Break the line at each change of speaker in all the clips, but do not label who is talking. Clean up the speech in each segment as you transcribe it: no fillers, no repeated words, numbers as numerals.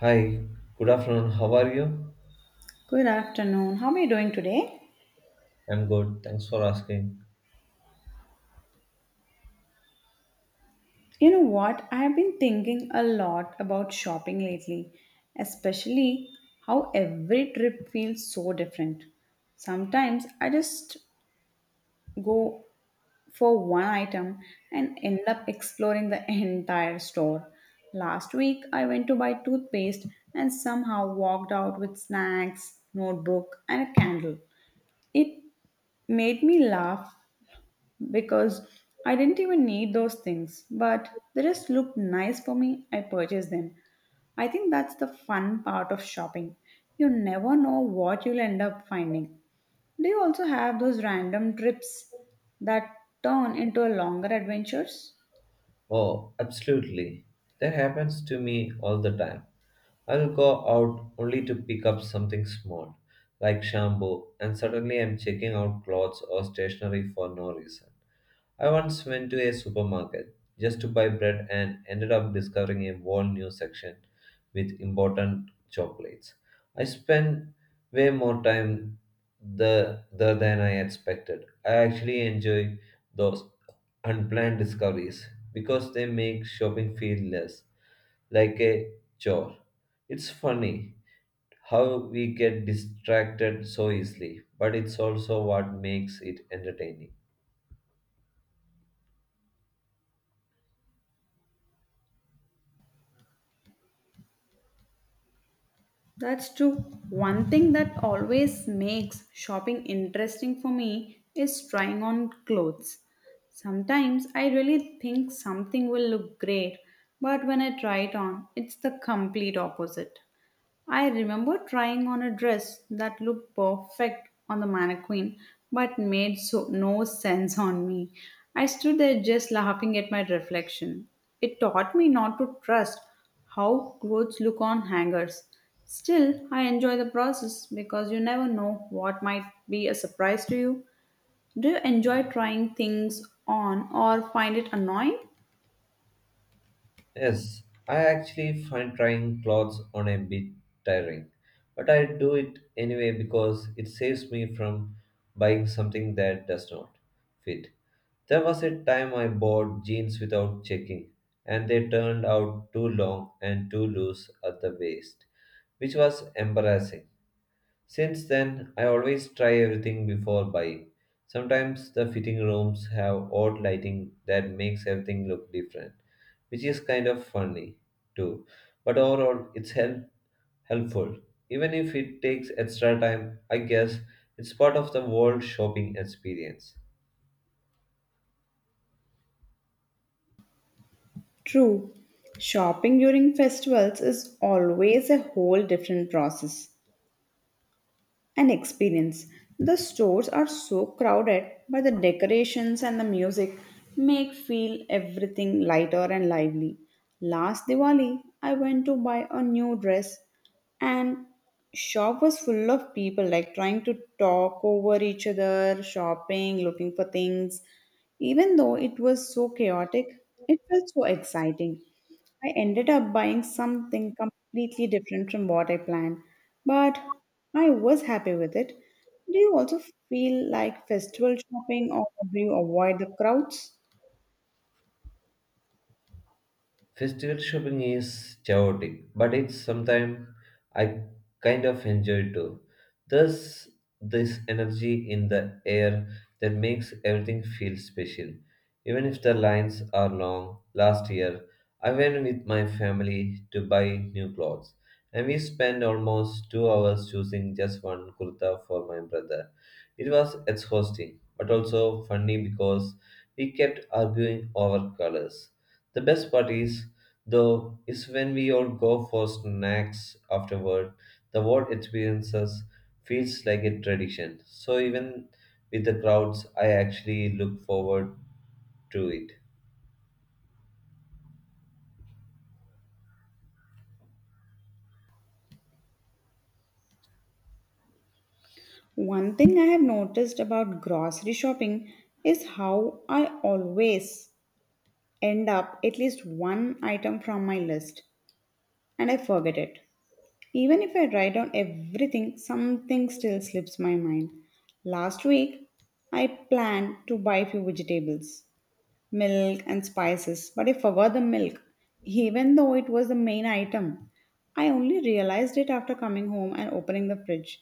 Hi, good afternoon. How are you?
Good afternoon. How are you doing today?
I'm good. Thanks for asking.
You know what? I've been thinking a lot about shopping lately, especially how every trip feels so different. Sometimes I just go for one item and end up exploring the entire store. Last week, I went to buy toothpaste and somehow walked out with snacks, notebook, and a candle. It made me laugh because I didn't even need those things, but they just looked nice for me. I purchased them. I think that's the fun part of shopping. You never know what you'll end up finding. Do you also have those random trips that turn into a longer adventures?
Oh, absolutely. That happens to me all the time. I'll go out only to pick up something small, like shampoo, and suddenly I'm checking out clothes or stationery for no reason. I once went to a supermarket just to buy bread and ended up discovering a whole new section with important chocolates. I spent way more time there than I expected. I actually enjoy those unplanned discoveries because they make shopping feel less like a chore. It's funny how we get distracted so easily, but it's also what makes it entertaining.
That's true. One thing that always makes shopping interesting for me is trying on clothes. Sometimes I really think something will look great, but when I try it on, it's the complete opposite. I remember trying on a dress that looked perfect on the mannequin but made no sense on me. I stood there just laughing at my reflection. It taught me not to trust how clothes look on hangers. Still, I enjoy the process because you never know what might be a surprise to you. Do you enjoy trying things on or find it annoying?
Yes, I actually find trying clothes on a bit tiring, but I do it anyway because it saves me from buying something that does not fit. There was a time I bought jeans without checking, and they turned out too long and too loose at the waist, which was embarrassing. Since then, I always try everything before buying. Sometimes the fitting rooms have odd lighting that makes everything look different, which is kind of funny too. But overall, it's helpful. Even if it takes extra time, I guess it's part of the world shopping experience.
True. Shopping during festivals is always a whole different process. An experience. The stores are so crowded, but the decorations and the music make feel everything lighter and lively. Last Diwali, I went to buy a new dress and shop was full of people like trying to talk over each other, shopping, looking for things. Even though it was so chaotic, it felt so exciting. I ended up buying something completely different from what I planned, but I was happy with it. Do you also feel like festival shopping or do you avoid the crowds?
Festival shopping is chaotic, but it's sometimes I kind of enjoy too. There's this energy in the air that makes everything feel special. Even if the lines are long, last year I went with my family to buy new clothes, and we spent almost 2 hours choosing just one kurta for my brother. It was exhausting, but also funny because we kept arguing over colors. The best part is though it's when we all go for snacks afterward. The world experiences feels like a tradition. So even with the crowds, I actually look forward to it.
One thing I have noticed about grocery shopping is how I always end up at least one item from my list and I forget it. Even if I write down everything, something still slips my mind. Last week, I planned to buy few vegetables, milk, and spices, but I forgot the milk, even though it was the main item. I only realized it after coming home and opening the fridge.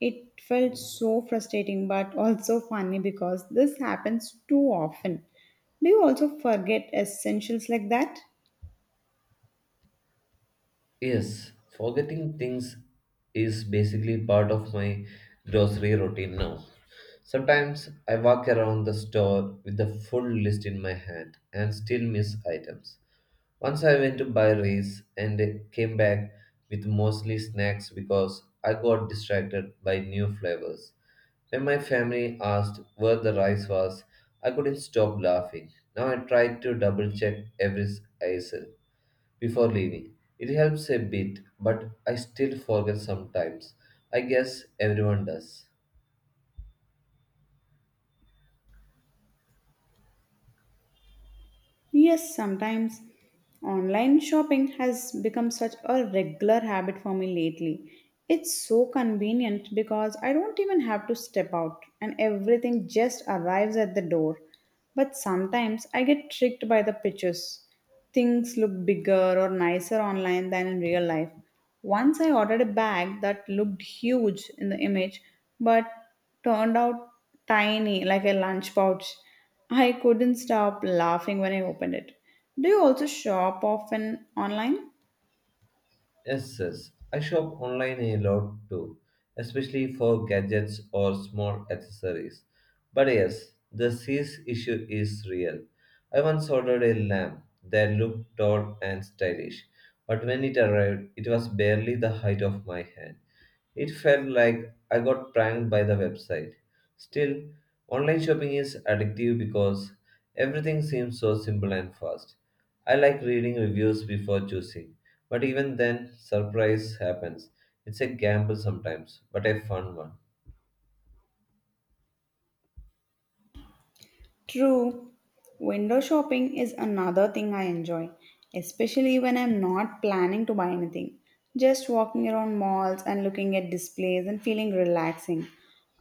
It felt so frustrating but also funny because this happens too often. Do you also forget essentials like that?
Yes, forgetting things is basically part of my grocery routine now. Sometimes I walk around the store with the full list in my hand and still miss items. Once I went to buy rice and came back with mostly snacks because I got distracted by new flavors. When my family asked where the rice was, I couldn't stop laughing. Now I try to double check every item before leaving. It helps a bit, but I still forget sometimes. I guess everyone does.
Yes, sometimes online shopping has become such a regular habit for me lately. It's so convenient because I don't even have to step out and everything just arrives at the door. But sometimes I get tricked by the pictures. Things look bigger or nicer online than in real life. Once I ordered a bag that looked huge in the image but turned out tiny like a lunch pouch. I couldn't stop laughing when I opened it. Do you also shop often online?
Yes. I shop online a lot too, especially for gadgets or small accessories. But yes, the size issue is real. I once ordered a lamp that looked tall and stylish, but when it arrived, it was barely the height of my hand. It felt like I got pranked by the website. Still, online shopping is addictive because everything seems so simple and fast. I like reading reviews before choosing. But even then, surprise happens. It's a gamble sometimes, but a fun one.
True. Window shopping is another thing I enjoy, especially when I'm not planning to buy anything. Just walking around malls and looking at displays and feeling relaxing.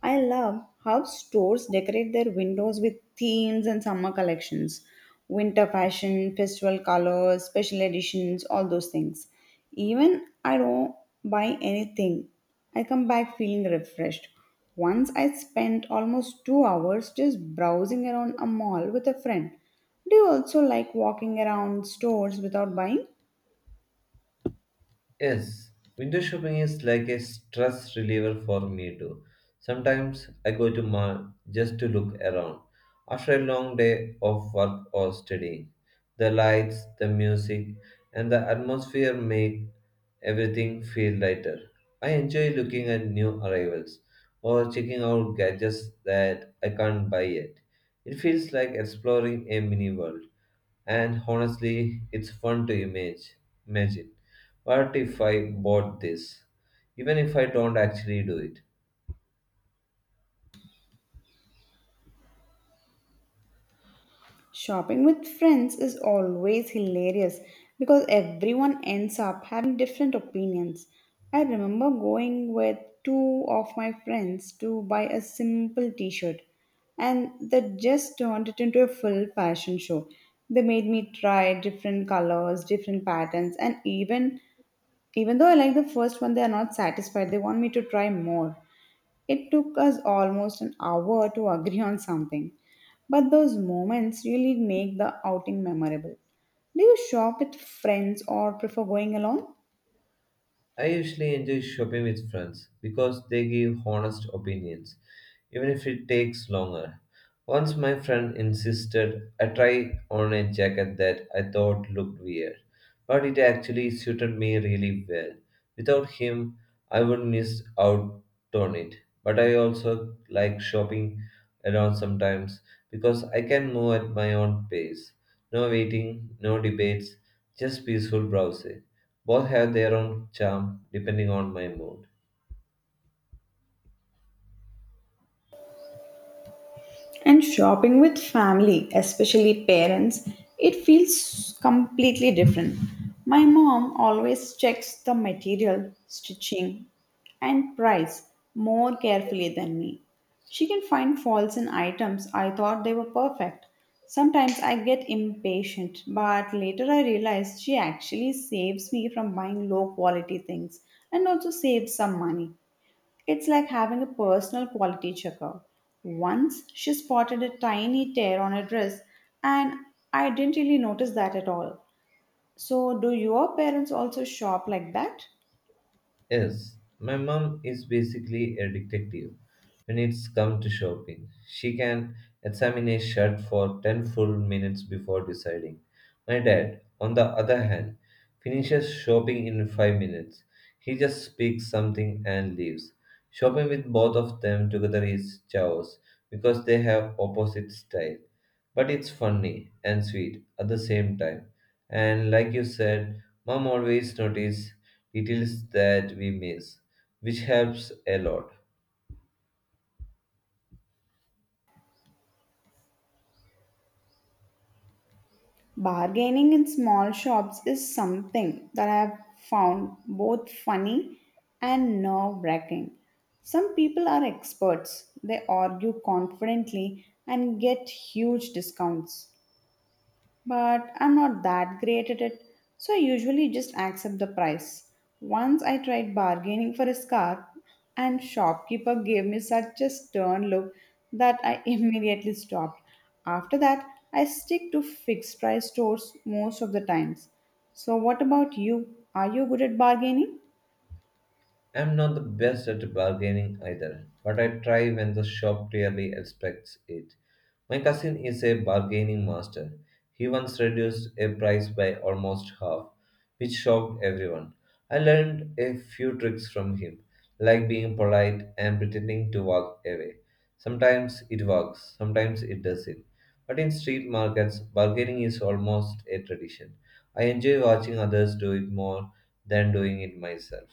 I love how stores decorate their windows with themes and summer collections, winter fashion, festival colors, special editions, all those things. Even I don't buy anything, I come back feeling refreshed. Once I spent almost 2 hours just browsing around a mall with a friend. Do you also like walking around stores without buying?
Yes, window shopping is like a stress reliever for me too. Sometimes I go to mall just to look around. After a long day of work or studying, the lights, the music, and the atmosphere make everything feel lighter. I enjoy looking at new arrivals or checking out gadgets that I can't buy yet. It feels like exploring a mini world, and honestly, it's fun to imagine. What if I bought this? Even if I don't actually do it.
Shopping with friends is always hilarious because everyone ends up having different opinions. I remember going with two of my friends to buy a simple t shirt, and they just turned it into a full fashion show. They made me try different colors, different patterns, and even though I like the first one, they are not satisfied. They want me to try more. It took us almost an hour to agree on something. But those moments really make the outing memorable. Do you shop with friends or prefer going alone?
I usually enjoy shopping with friends because they give honest opinions, even if it takes longer. Once my friend insisted I try on a jacket that I thought looked weird, but it actually suited me really well. Without him, I would miss out on it. But I also like shopping around sometimes because I can move at my own pace. No waiting, no debates, just peaceful browsing. Both have their own charm depending on my mood.
And shopping with family, especially parents, it feels completely different. My mom always checks the material, stitching, and price more carefully than me. She can find faults in items I thought they were perfect. Sometimes I get impatient, but later I realize she actually saves me from buying low quality things and also saves some money. It's like having a personal quality checker. Once she spotted a tiny tear on her dress, and I didn't really notice that at all. So, do your parents also shop like that?
Yes, my mom is basically a detective when it's come to shopping. She can examine a shirt for 10 full minutes before deciding. My dad, on the other hand, finishes shopping in 5 minutes. He just speaks something and leaves. Shopping with both of them together is chaos because they have opposite styles. But it's funny and sweet at the same time. And like you said, mom always notices details that we miss, which helps a lot.
Bargaining in small shops is something that I have found both funny and nerve wracking. Some people are experts, they argue confidently and get huge discounts. But I'm not that great at it, so I usually just accept the price. Once I tried bargaining for a scarf, and shopkeeper gave me such a stern look that I immediately stopped. After that, I stick to fixed price stores most of the times. So what about you? Are you good at bargaining?
I'm not the best at bargaining either, but I try when the shop clearly expects it. My cousin is a bargaining master. He once reduced a price by almost half, which shocked everyone. I learned a few tricks from him, like being polite and pretending to walk away. Sometimes it works, sometimes it doesn't. But in street markets, bargaining is almost a tradition. I enjoy watching others do it more than doing it myself.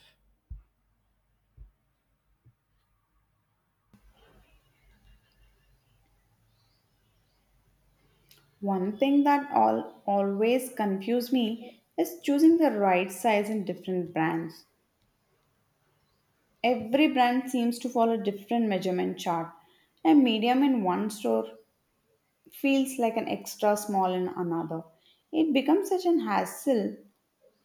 One thing that all always confuse me is choosing the right size in different brands. Every brand seems to follow a different measurement chart. A medium in one store feels like an extra small in another. It becomes such an hassle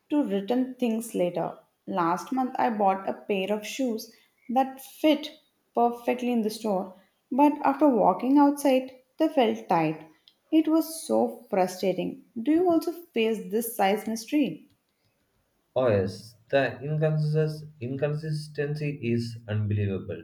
to return things later. Last month, I bought a pair of shoes that fit perfectly in the store, but after walking outside, they felt tight. It was so frustrating. Do you also face this size mystery?
Oh yes, the inconsistency is unbelievable.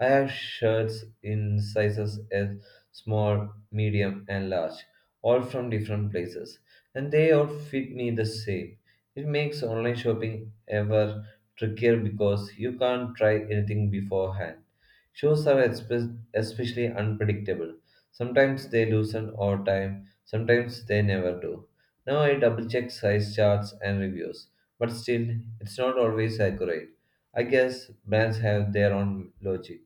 I have shirts in sizes as small, medium, and large, all from different places, and they all fit me the same. It makes online shopping ever trickier because you can't try anything beforehand. Shows are especially unpredictable. Sometimes they loosen over time, sometimes they never do. Now I double check size charts and reviews, but still, it's not always accurate. I guess brands have their own logic.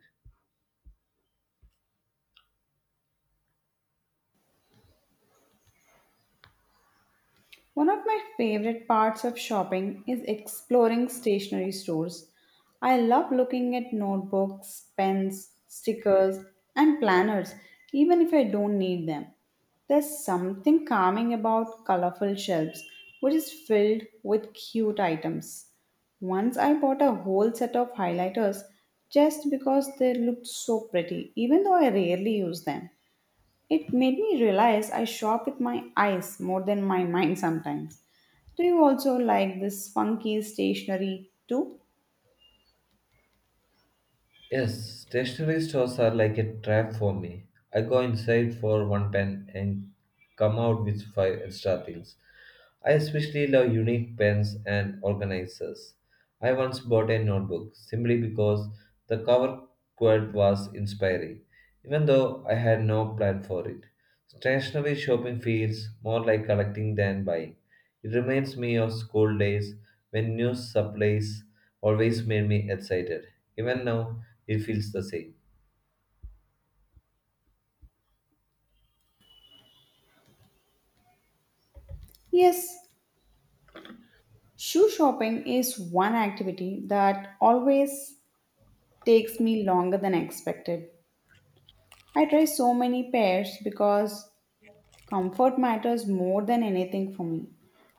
One of my favorite parts of shopping is exploring stationery stores. I love looking at notebooks, pens, stickers, and planners, even if I don't need them. There's something calming about colorful shelves, which is filled with cute items. Once I bought a whole set of highlighters just because they looked so pretty, even though I rarely use them. It made me realize I shop with my eyes more than my mind sometimes. Do you also like this funky stationery too?
Yes, stationery stores are like a trap for me. I go inside for one pen and come out with five extra things. I especially love unique pens and organizers. I once bought a notebook simply because the cover quote was inspiring, even though I had no plan for it. Stationery shopping feels more like collecting than buying. It reminds me of school days when new supplies always made me excited. Even now, it feels the same.
Yes, shoe shopping is one activity that always takes me longer than expected. I try so many pairs because comfort matters more than anything for me.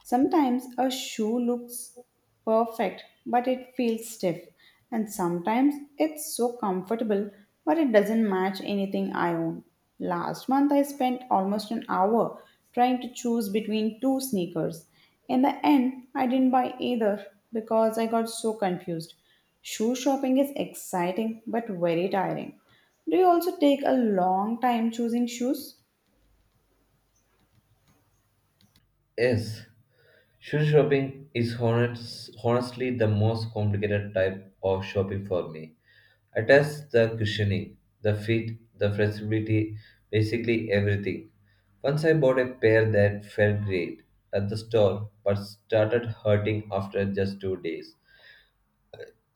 Sometimes a shoe looks perfect but it feels stiff, and sometimes it's so comfortable but it doesn't match anything I own. Last month I spent almost an hour trying to choose between two sneakers. In the end, I didn't buy either because I got so confused. Shoe shopping is exciting but very tiring. Do you also take a long time choosing shoes?
Yes, shoe shopping is honestly the most complicated type of shopping for me. I test the cushioning, the fit, the flexibility, basically everything. Once I bought a pair that felt great at the store but started hurting after just 2 days.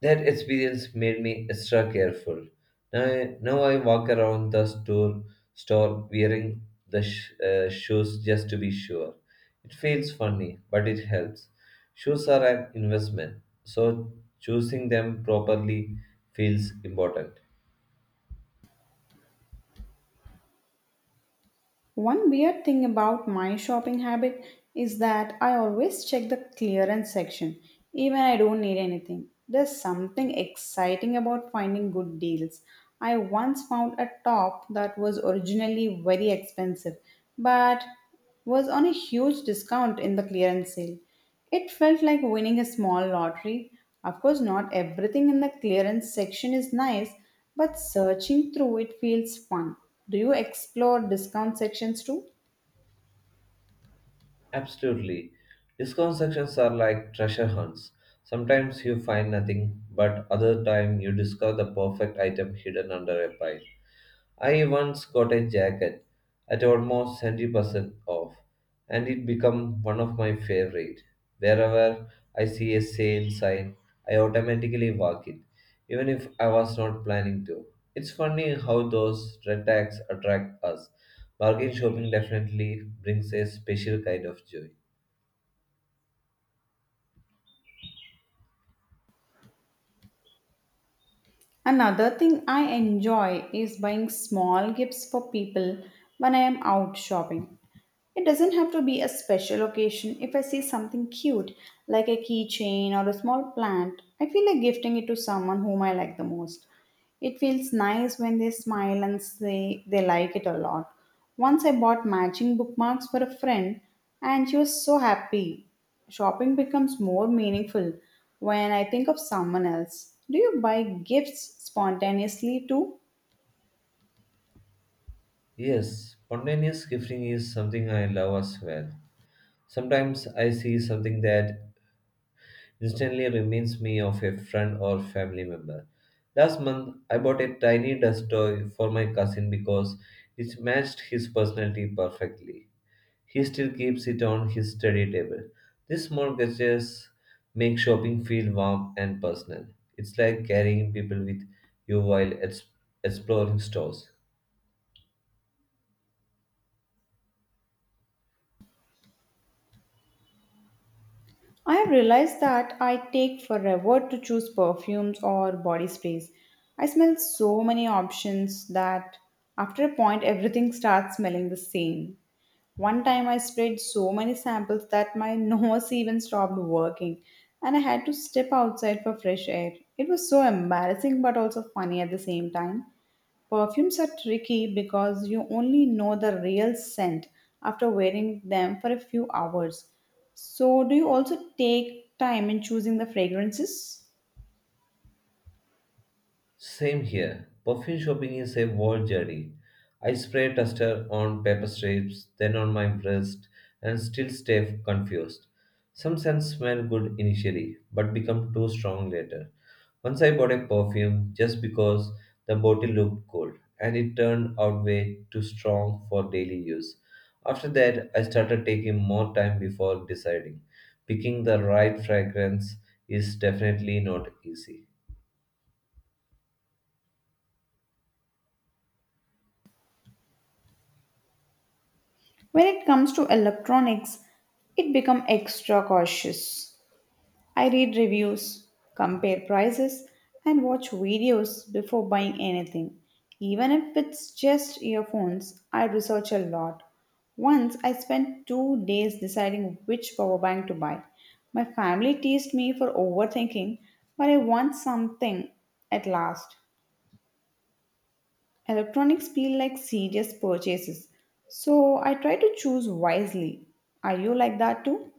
That experience made me extra careful. Now, now I walk around the store wearing the shoes just to be sure. It feels funny, but it helps. Shoes are an investment, so choosing them properly feels important.
One weird thing about my shopping habit is that I always check the clearance section even I don't need anything. There's something exciting about finding good deals. I once found a top that was originally very expensive but was on a huge discount in the clearance sale. It felt like winning a small lottery. Of course, not everything in the clearance section is nice, but searching through it feels fun. Do you explore discount sections too?
Absolutely. Discount sections are like treasure hunts. Sometimes you find nothing, but other time you discover the perfect item hidden under a pile. I once got a jacket at almost 30% off, and it became one of my favorite. Wherever I see a sale sign, I automatically walk it, even if I was not planning to. It's funny how those red tags attract us. Bargain shopping definitely brings a special kind of joy.
Another thing I enjoy is buying small gifts for people when I am out shopping. It doesn't have to be a special occasion. If I see something cute, like a keychain or a small plant, I feel like gifting it to someone whom I like the most. It feels nice when they smile and say they like it a lot. Once I bought matching bookmarks for a friend and she was so happy. Shopping becomes more meaningful when I think of someone else. Do you buy gifts spontaneously too?
Yes, spontaneous gifting is something I love as well. Sometimes I see something that instantly reminds me of a friend or family member. Last month, I bought a tiny dust toy for my cousin because it matched his personality perfectly. He still keeps it on his study table. These small gestures make shopping feel warm and personal. It's like carrying people with you while exploring stores.
I have realized that I take forever to choose perfumes or body sprays. I smell so many options that after a point everything starts smelling the same. One time I sprayed so many samples that my nose even stopped working and I had to step outside for fresh air. It was so embarrassing but also funny at the same time. Perfumes are tricky because you only know the real scent after wearing them for a few hours. So, do you also take time in choosing the fragrances?
Same here. Perfume shopping is a whole journey. I spray duster on paper strips, then on my wrist, and still stay confused. Some scents smell good initially, but become too strong later. Once I bought a perfume just because the bottle looked cool, and it turned out way too strong for daily use. After that, I started taking more time before deciding. Picking the right fragrance is definitely not easy.
When it comes to electronics, it become extra cautious. I read reviews, compare prices, and watch videos before buying anything. Even if it's just earphones, I research a lot. Once I spent 2 days deciding which power bank to buy. My family teased me for overthinking, but I want something at last. Electronics feel like serious purchases, so I try to choose wisely. Are you like that too?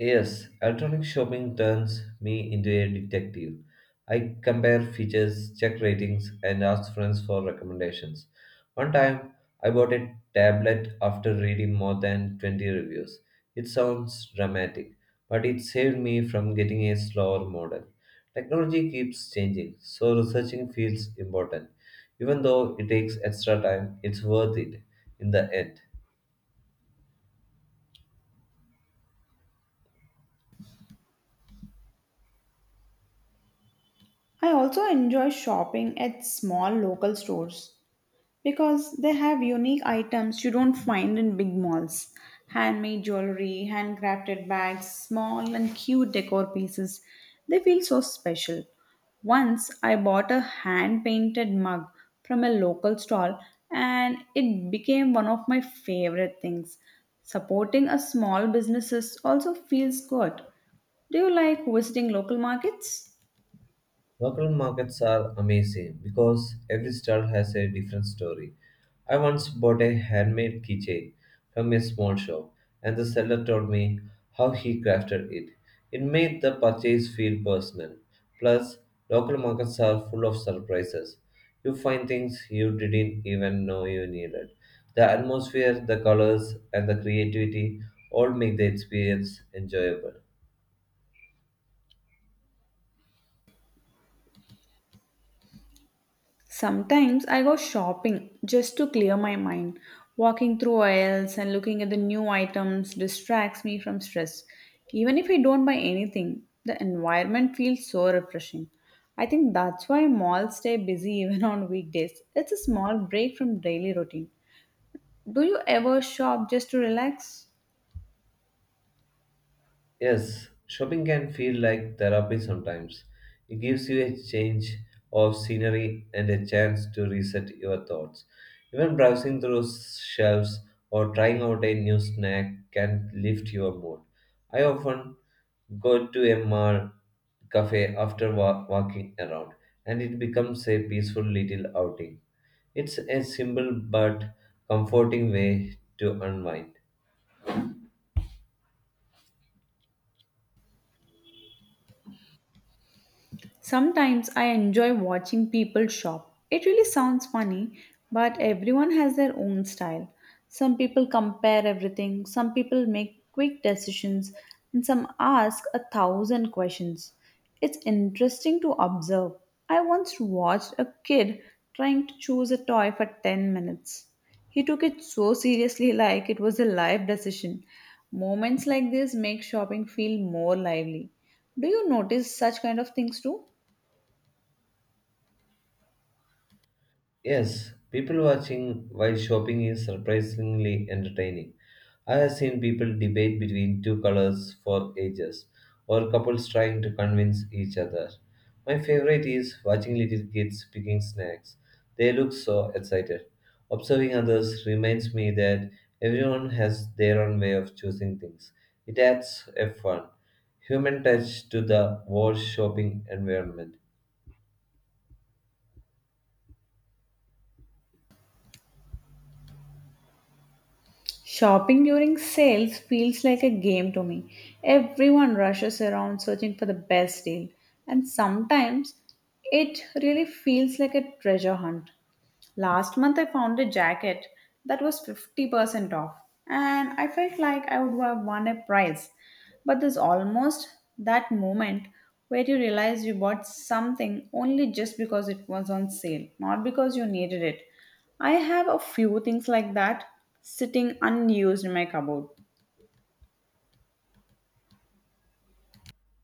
Yes, electronic shopping turns me into a detective. I compare features, check ratings, and ask friends for recommendations. One time, I bought a tablet after reading more than 20 reviews. It sounds dramatic, but it saved me from getting a slower model. Technology keeps changing, so researching feels important. Even though it takes extra time, it's worth it in the end.
I also enjoy shopping at small local stores because they have unique items you don't find in big malls: handmade jewelry, handcrafted bags, small and cute decor pieces. They feel so special. Once I bought a hand painted mug from a local stall and it became one of my favorite things. Supporting a small businesses also feels good. Do you like visiting local markets?
Local markets are amazing because every stall has a different story. I once bought a handmade keychain from a small shop, and the seller told me how he crafted it. It made the purchase feel personal. Plus, local markets are full of surprises. You find things you didn't even know you needed. The atmosphere, the colors, and the creativity all make the experience enjoyable.
Sometimes I go shopping just to clear my mind. Walking through aisles and looking at the new items distracts me from stress. Even if I don't buy anything, the environment feels so refreshing. I think that's why malls stay busy even on weekdays. It's a small break from daily routine. Do you ever shop just to relax?
Yes, shopping can feel like therapy sometimes. It gives you a change of scenery and a chance to reset your thoughts. Even browsing through shelves or trying out a new snack can lift your mood. I often go to a mall cafe after walking around, and it becomes a peaceful little outing. It's a simple but comforting way to unwind.
Sometimes I enjoy watching people shop. It really sounds funny, but everyone has their own style. Some people compare everything, some people make quick decisions, and some ask a thousand questions. It's interesting to observe. I once watched a kid trying to choose a toy for 10 minutes. He took it so seriously, like it was a life decision. Moments like this make shopping feel more lively. Do you notice such kind of things too?
Yes, people watching while shopping is surprisingly entertaining. I have seen people debate between two colors for ages, or couples trying to convince each other. My favorite is watching little kids picking snacks. They look so excited. Observing others reminds me that everyone has their own way of choosing things. It adds a fun, human touch to the whole shopping environment.
Shopping during sales feels like a game to me. Everyone rushes around searching for the best deal, and sometimes it really feels like a treasure hunt. Last month I found a jacket that was 50% off and I felt like I would have won a prize. But there's almost that moment where you realize you bought something only just because it was on sale, not because you needed it. I have a few things like that sitting unused in my cupboard.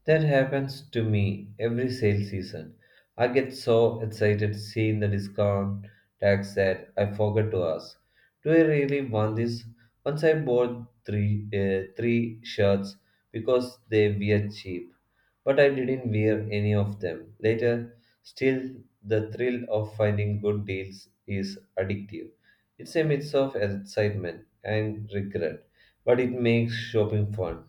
That happens to me every sale season. I get so excited seeing the discount tags that I forget to ask. Do I really want this? Once I bought three shirts because they were cheap, but I didn't wear any of them. Later, still the thrill of finding good deals is addictive. It's a mix of excitement and regret, but it makes shopping fun.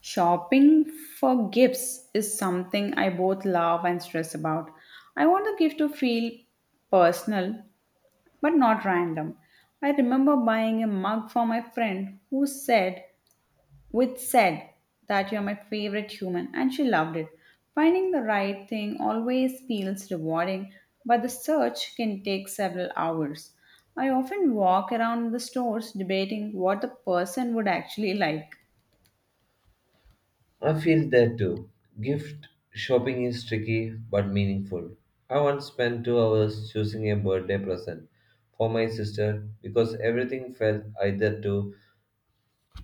Shopping for gifts is something I both love and stress about. I want the gift to feel personal, but not random. I remember buying a mug for my friend which said that you're my favorite human, and she loved it. Finding the right thing always feels rewarding, but the search can take several hours. I often walk around the stores debating what the person would actually like.
I feel that too. Gift shopping is tricky but meaningful. I once spent 2 hours choosing a birthday present for my sister because everything felt either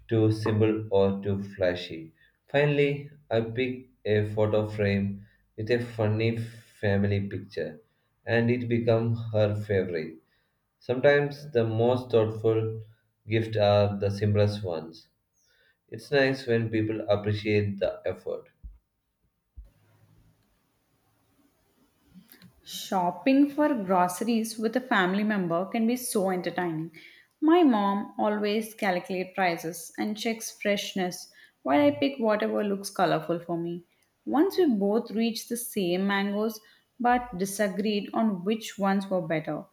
too simple or too flashy. Finally, I picked a photo frame with a funny family picture and it became her favorite. Sometimes the most thoughtful gifts are the simplest ones. It's nice when people appreciate the effort.
Shopping for groceries with a family member can be so entertaining. My mom always calculates prices and checks freshness while I pick whatever looks colorful for me. Once we both reached the same mangoes but disagreed on which ones were better,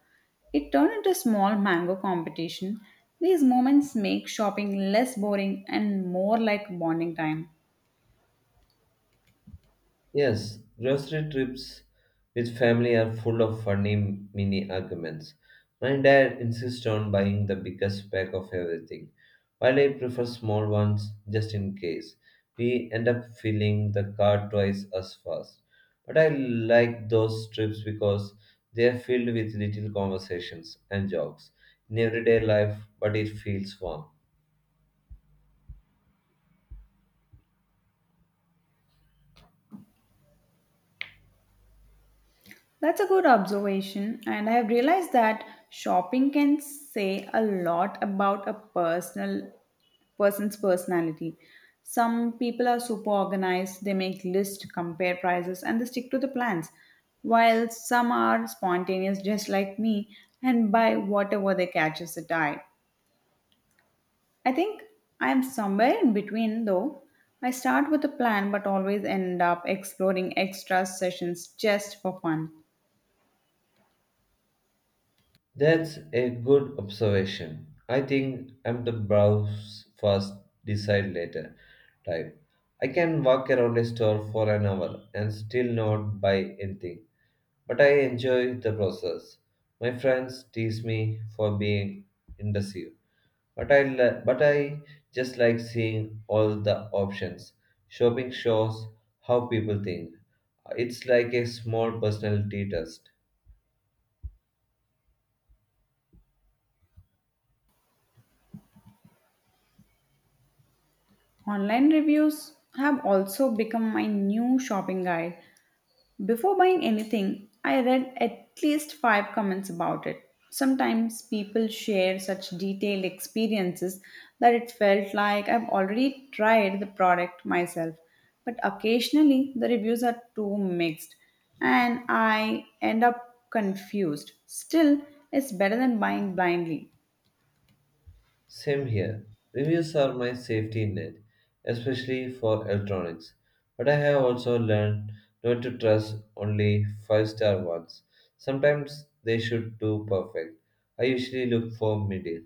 it turned into a small mango competition. These moments make shopping less boring and more like bonding time.
Yes, grocery trips with family are full of funny mini arguments. My dad insists on buying the biggest pack of everything, while I prefer small ones just in case. We end up filling the car twice as fast. But I like those trips because they are filled with little conversations and jokes in everyday life, but it feels warm.
That's a good observation, and I have realized that shopping can say a lot about a personal person's personality. Some people are super organized, they make lists, compare prices, and they stick to the plans, while some are spontaneous, just like me, and buy whatever they catches the eye. I think I am somewhere in between, though. I start with a plan, but always end up exploring extra sessions just for fun.
That's a good observation. I think I'm the browse first, decide later type. I can walk around a store for an hour and still not buy anything, but I enjoy the process. My friends tease me for being indecisive, but I just like seeing all the options. Shopping shows how people think. It's like a small personality test.
Online reviews have also become my new shopping guide. Before buying anything, I read at least five comments about it. Sometimes people share such detailed experiences that it felt like I've already tried the product myself. But occasionally, the reviews are too mixed and I end up confused. Still, it's better than buying blindly.
Same here. Reviews are my safety net, especially for electronics. But I have also learned not to trust only five-star ones. Sometimes they should do perfect. I usually look for middle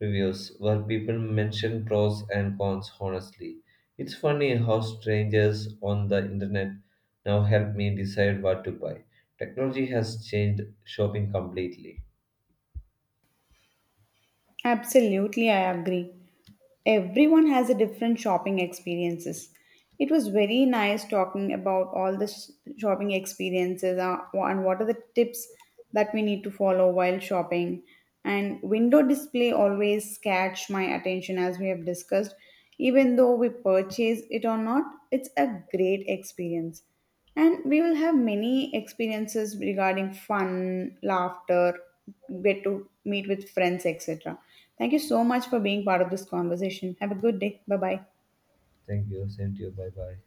reviews where people mention pros and cons honestly. It's funny how strangers on the internet now help me decide what to buy. Technology has changed shopping completely.
Absolutely, I agree. Everyone has a different shopping experiences. It was very nice talking about all the shopping experiences, and what are the tips that we need to follow while shopping, and window display always catch my attention, as we have discussed. Even though we purchase it or not, it's a great experience, and we will have many experiences regarding fun, laughter, get to meet with friends, etc. Thank you so much for being part of this conversation. Have a good day. Bye bye.
Thank you. Same to you. Bye bye.